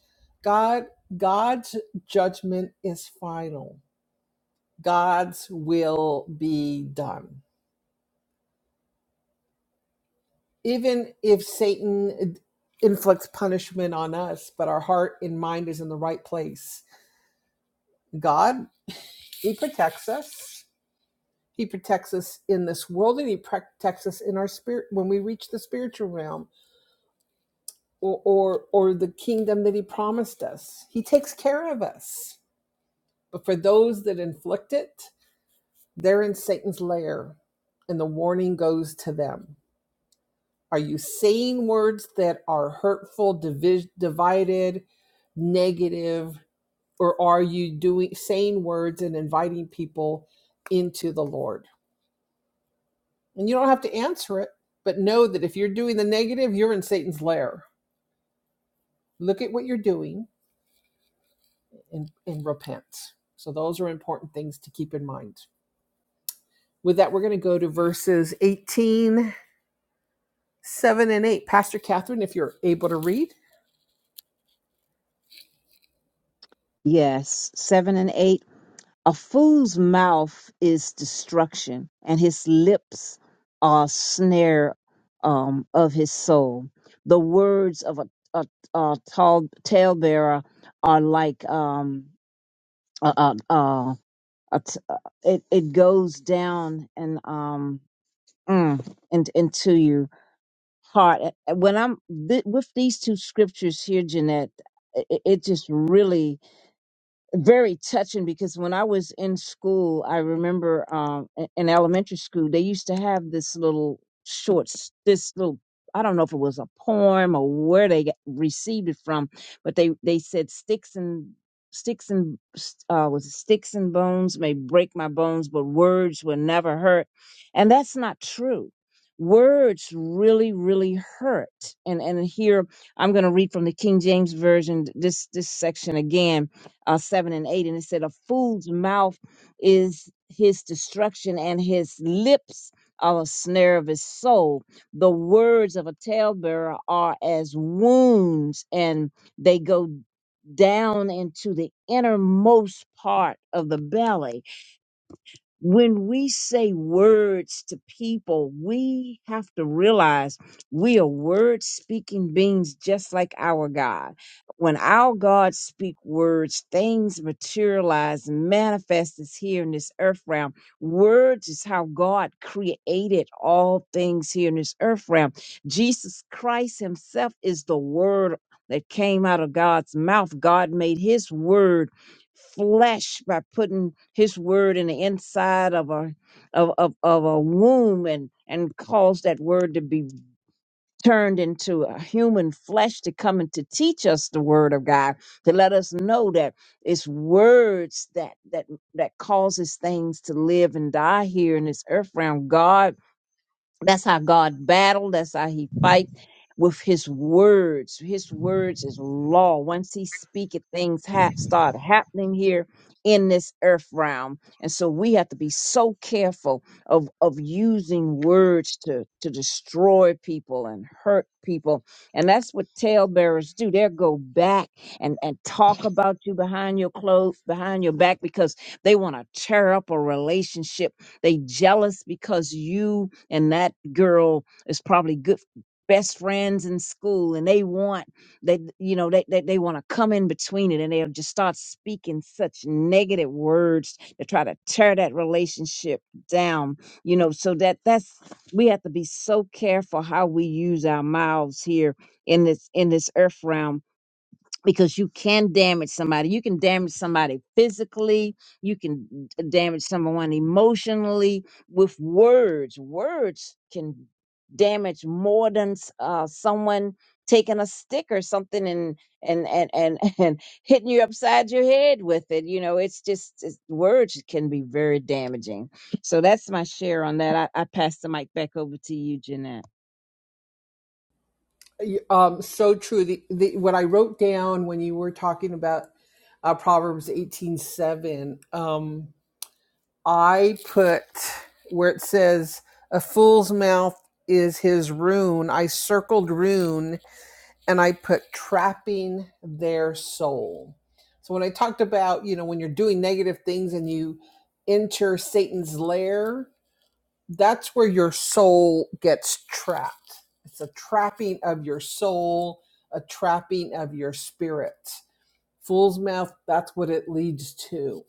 [SPEAKER 1] God God's judgment is final. God's will be done. even if Satan uh, inflicts punishment on us, but our heart and mind is in the right place, God, He protects us. He protects us in this world, and He protects us in our spirit when we reach the spiritual realm or or, or the kingdom that He promised us. He takes care of us. But for those that inflict it, they're in Satan's lair, and the warning goes to them Are you saying words that are hurtful, divi- divided, negative, or are you doing saying words and inviting people into the Lord? And you don't have to answer it, but know that if you're doing the negative, you're in Satan's lair. Look at what you're doing and, and repent. So those are important things to keep in mind. With that, we're going to go to verses 18 Seven and eight. Pastor Catherine, if you're able to read.
[SPEAKER 2] Yes, seven and eight. A fool's mouth is destruction, and his lips are snare um, of his soul. The words of a, a, a tall talebearer are like um, a, a, I'll t- uh, it it goes down and um mm, and into your heart. Uh, When I'm th- with these two scriptures here, Jeanette, it, it just really very touching because when I was in school, I remember um, i- in elementary school, they used to have this little short, s- this little, I don't know if it was a poem or where they got- received it from, but they, they said sticks and sticks and s- uh, was it sticks and bones may break my bones, but words will never hurt. And that's not true. Words really, really hurt. And and here I'm going to read from the King James version th- this this section again uh, 7 and 8. And it said, A fool's mouth is his destruction, and his lips are a snare of his soul. The words of a talebearer are as wounds, and they go down into the innermost part of the belly when we say words to people, we have to realize we are word speaking beings just like our God. When our God speak words, things materialize and manifest is here in this earth realm. Words is how God created all things here in this earth realm. Jesus Christ himself is the word that came out of God's mouth. God made his word flesh by putting his word in the inside of a of, of, of a womb and and cause that word to be turned into a human flesh to come and to teach us the word of God to let us know that it's words that that that causes things to live and die here in this earth realm God that's how God battled. That's how he fight with his words. His words is law. Once he speak it, things ha- start happening here in this earth realm. And so we have to be so careful of, of using words to, to destroy people and hurt people. And that's what talebearers do. They'll go back and, and talk about you behind your clothes, behind your back, because they want to tear up a relationship they jealous because you and that girl is probably good best friends in school and they want they you know they they, they want to come in between it and they'll just start speaking such negative words to try to tear that relationship down you know so that that's we have to be so careful how we use our mouths here in this in this earth realm because you can damage somebody. You can damage somebody physically. You can d- damage someone emotionally with words. Words can damage more than s- uh, someone taking a stick or something and and and and and hitting you upside your head with it. You know, it's just it's, words can be very damaging. So that's my share on that. I, I pass the mic back over to you, Jeanette.
[SPEAKER 1] Um, so true. The, the what I wrote down when you were talking about uh, Proverbs eighteen seven. Um, I put where it says, "A fool's mouth is his ruin." I circled ruin and I put trapping their soul. So when I talked about, you know, when you're doing negative things and you enter Satan's lair, that's where your soul gets trapped. It's a trapping of your soul, a trapping of your spirit. Fool's mouth, that's what it leads to.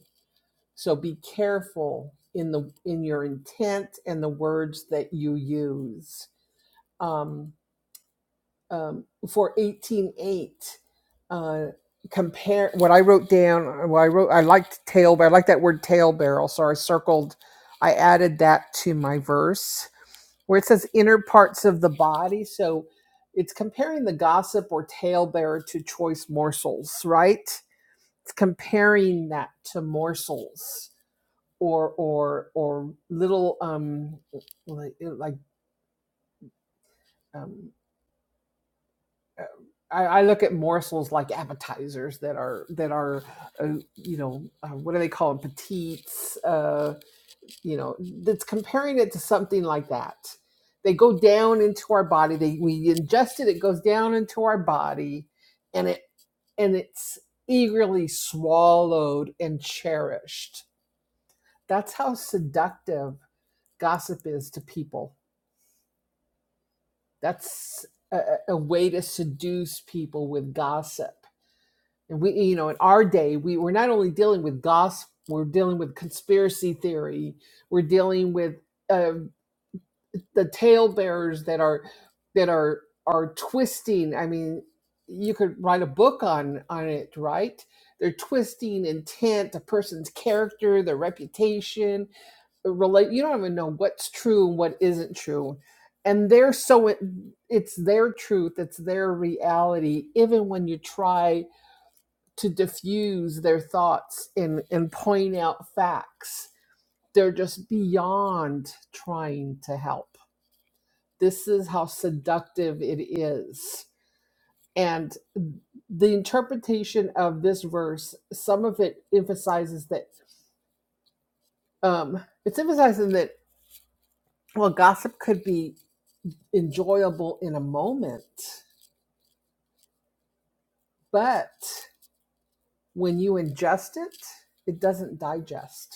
[SPEAKER 1] So be careful in the in your intent and the words that you use. Um, um, for 18.8 uh, compare what i wrote down well i wrote i liked tail but i like that word tail barrel so i circled i added that to my verse where it says inner parts of the body so it's comparing the gossip or tail bearer to choice morsels right it's comparing that to morsels or or or little um like, like um I, I look at morsels like appetizers that are that are, uh, you know, uh, what do they call them? Petites. Uh, you know, that's comparing it to something like that. They go down into our body. They we ingest it. It goes down into our body, and it and it's eagerly swallowed and cherished. That's how seductive gossip is to people. That's a, a a way to seduce people with gossip And we, you know, in our day, we were not only dealing with gossip, we're dealing with conspiracy theory, we're dealing with uh, the talebearers that are that are are twisting. I mean, you could write a book on on it, right? They're twisting intent, a person's character, their reputation, the relate. You don't even know what's true and what isn't true, and they're so it, it's their truth, it's their reality, even when you try to diffuse their thoughts and, and point out facts. They're just beyond trying to help. This is how seductive it is. And the interpretation of this verse, some of it emphasizes that um, it's emphasizing that well, gossip could be enjoyable in a moment, but when you ingest it, it doesn't digest.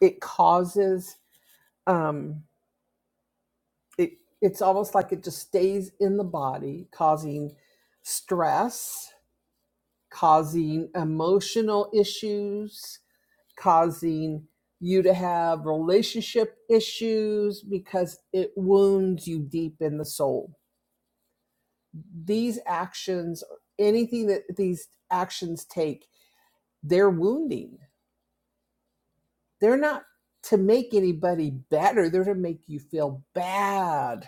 [SPEAKER 1] It causes. um, it it's almost like it just stays in the body causing stress causing emotional issues causing you to have relationship issues because it wounds you deep in the soul these actions anything that these actions take they're wounding they're not to make anybody better they're to make you feel bad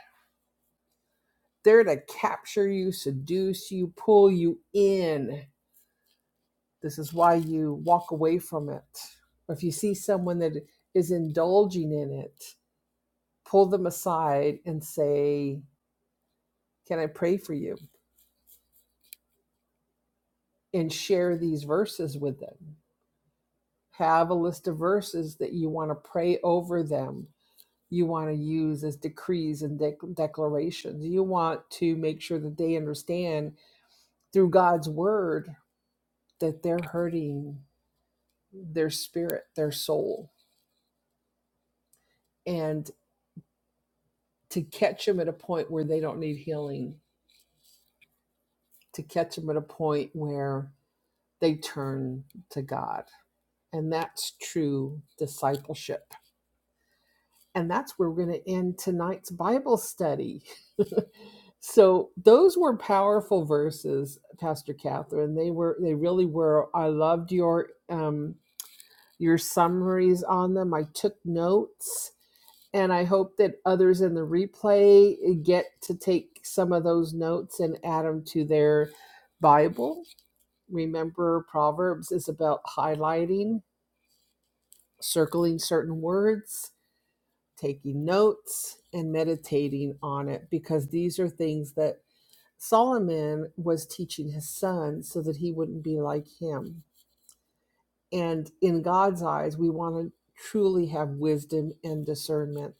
[SPEAKER 1] They're to capture you, seduce you, pull you in. This is why you walk away from it. Or if you see someone that is indulging in it, pull them aside and say, Can I pray for you? And share these verses with them. Have a list of verses that you want to pray over them. You want to use as decrees and dec- declarations. You want to make sure that they understand through God's word that they're hurting their spirit, their soul, and to catch them at a point where they don't need healing, to catch them at a point where they turn to God. And that's true discipleship. And that's where we're going to end tonight's Bible study. so those were powerful verses, Pastor Catherine. They were, they really were. I loved your um, your summaries on them. I took notes and I hope that others in the replay eh, get to take some of those notes and add them to their Bible. Remember, Proverbs is about highlighting, circling certain words, taking notes, and meditating on it because these are things that Solomon was teaching his son so that he wouldn't be like him. And in God's eyes, we want to truly have wisdom and discernment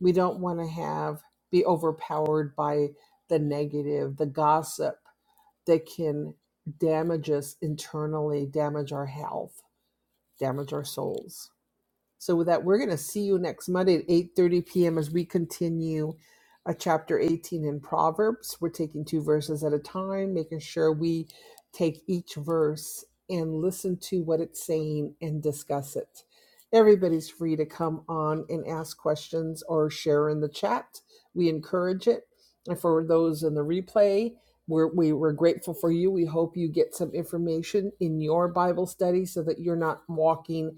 [SPEAKER 1] We don't want to have be overpowered by the negative, the gossip that can damage us internally, damage our health, damage our souls. So with that, we're going to see you next Monday at 8:30 p.m. as we continue a chapter 18 in Proverbs. We're taking two verses at a time, making sure we take each verse and listen to what it's saying and discuss it. Everybody's free to come on and ask questions or share in the chat. We encourage it. And for those in the replay, we're, we, we're grateful for you. We hope you get some information in your Bible study so that you're not walking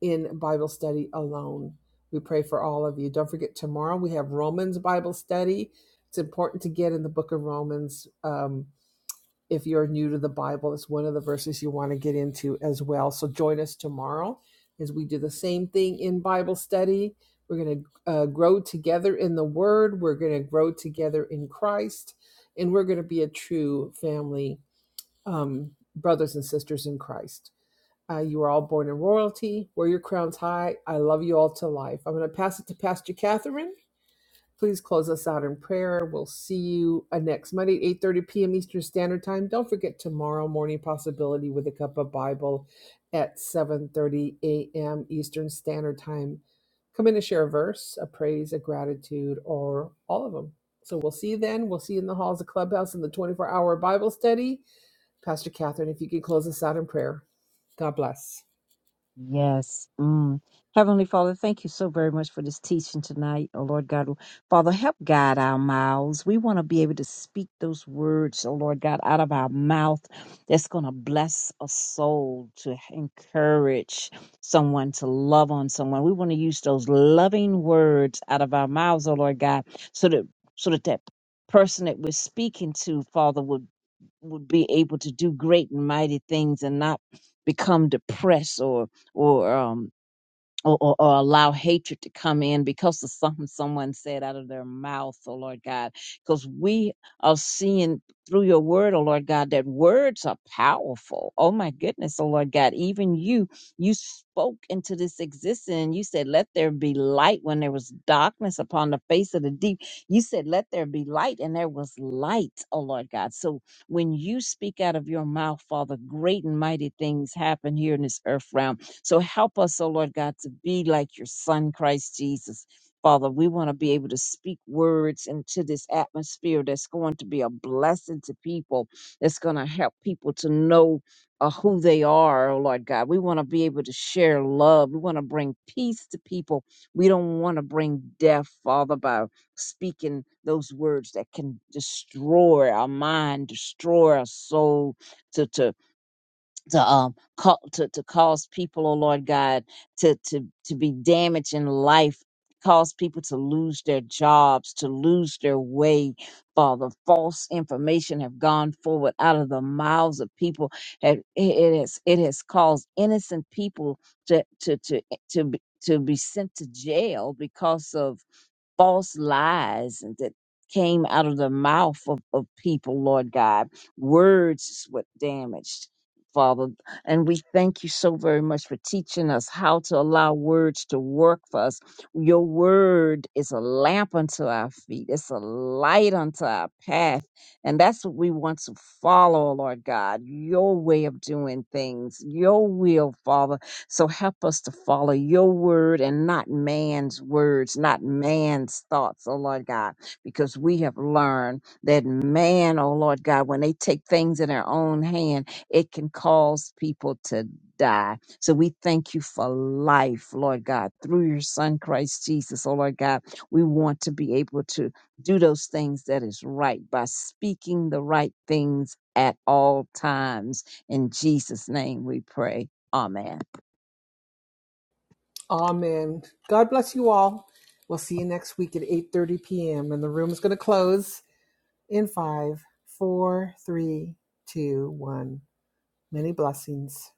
[SPEAKER 1] in Bible study alone. We pray for all of you. Don't forget, tomorrow we have Romans Bible study. It's important to get in the book of Romans. Um, if you're new to the Bible, it's one of the verses you want to get into as well. So join us tomorrow as we do the same thing in Bible study. We're going to uh, grow together in the Word, we're going to grow together in Christ, and we're going to be a true family, um, brothers and sisters in Christ. Uh, you are all born in royalty. Wear your crowns high. I love you all to life. I'm going to pass it to Pastor Catherine. Please close us out in prayer. We'll see you uh, next Monday at 8.30 p.m. Eastern Standard Time. Don't forget tomorrow morning possibility with a cup of Bible at 7.30 a.m. Eastern Standard Time. Come in and share a verse, a praise, a gratitude, or all of them. So we'll see you then. We'll see you in the halls of Clubhouse in the 24-hour Bible study. Pastor Catherine, if you could close us out in prayer. God bless.
[SPEAKER 2] Yes. Mm. Heavenly Father, thank you so very much for this teaching tonight. Oh Lord God, Father, help guide our mouths. We want to be able to speak those words, oh Lord God, out of our mouth that's going to bless a soul, to encourage someone, to love on someone. We want to use those loving words out of our mouths, oh Lord God, so that so that that person that we're speaking to, Father, would would be able to do great and mighty things and not become depressed or or um, or, or, or allow hatred to come in because of something someone said out of their mouth, oh Lord God. Because we are seeing through your word, oh Lord God, that words are powerful. Oh my goodness, oh Lord God. Even you, you spoke into this existence and you said, Let there be light when there was darkness upon the face of the deep. You said, Let there be light, and there was light, oh Lord God. So when you speak out of your mouth, Father, great and mighty things happen here in this earth realm so help us, oh Lord God, to be like your son, Christ Jesus. Father, we want to be able to speak words into this atmosphere that's going to be a blessing to people, that's going to help people to know uh, who they are, oh Lord God. We want to be able to share love. We want to bring peace to people. We don't want to bring death, Father, by speaking those words that can destroy our mind, destroy our soul, To to to um call, to to cause people, oh Lord God, to to to be damaged in life, cause people to lose their jobs, to lose their way. Father, false information have gone forward out of the mouths of people. That it it has it has caused innocent people to to to eh, to be, to be sent to jail because of false lies and that came out of the mouth of, of people, Lord God. Words is what damaged, Father. And we thank you so very much for teaching us how to allow words to work for us. Your word is a lamp unto our feet, it's a light unto our path. And that's what we want to follow, Lord God. Your way of doing things, your will, Father so help us to follow your word and not man's words, not man's thoughts, oh Lord God, because we have learned that man, oh Lord God, when they take things in their own hand, it can cause people to die. So we thank you for life, Lord God, through your son Christ Jesus, oh Lord God. We want to be able to do those things that is right by speaking the right things at all times. In Jesus' name we pray. Amen.
[SPEAKER 1] Amen. God bless you all. We'll see you next week at 8:30 p.m. And the room is going to close in five, four, three, two, one. Many blessings.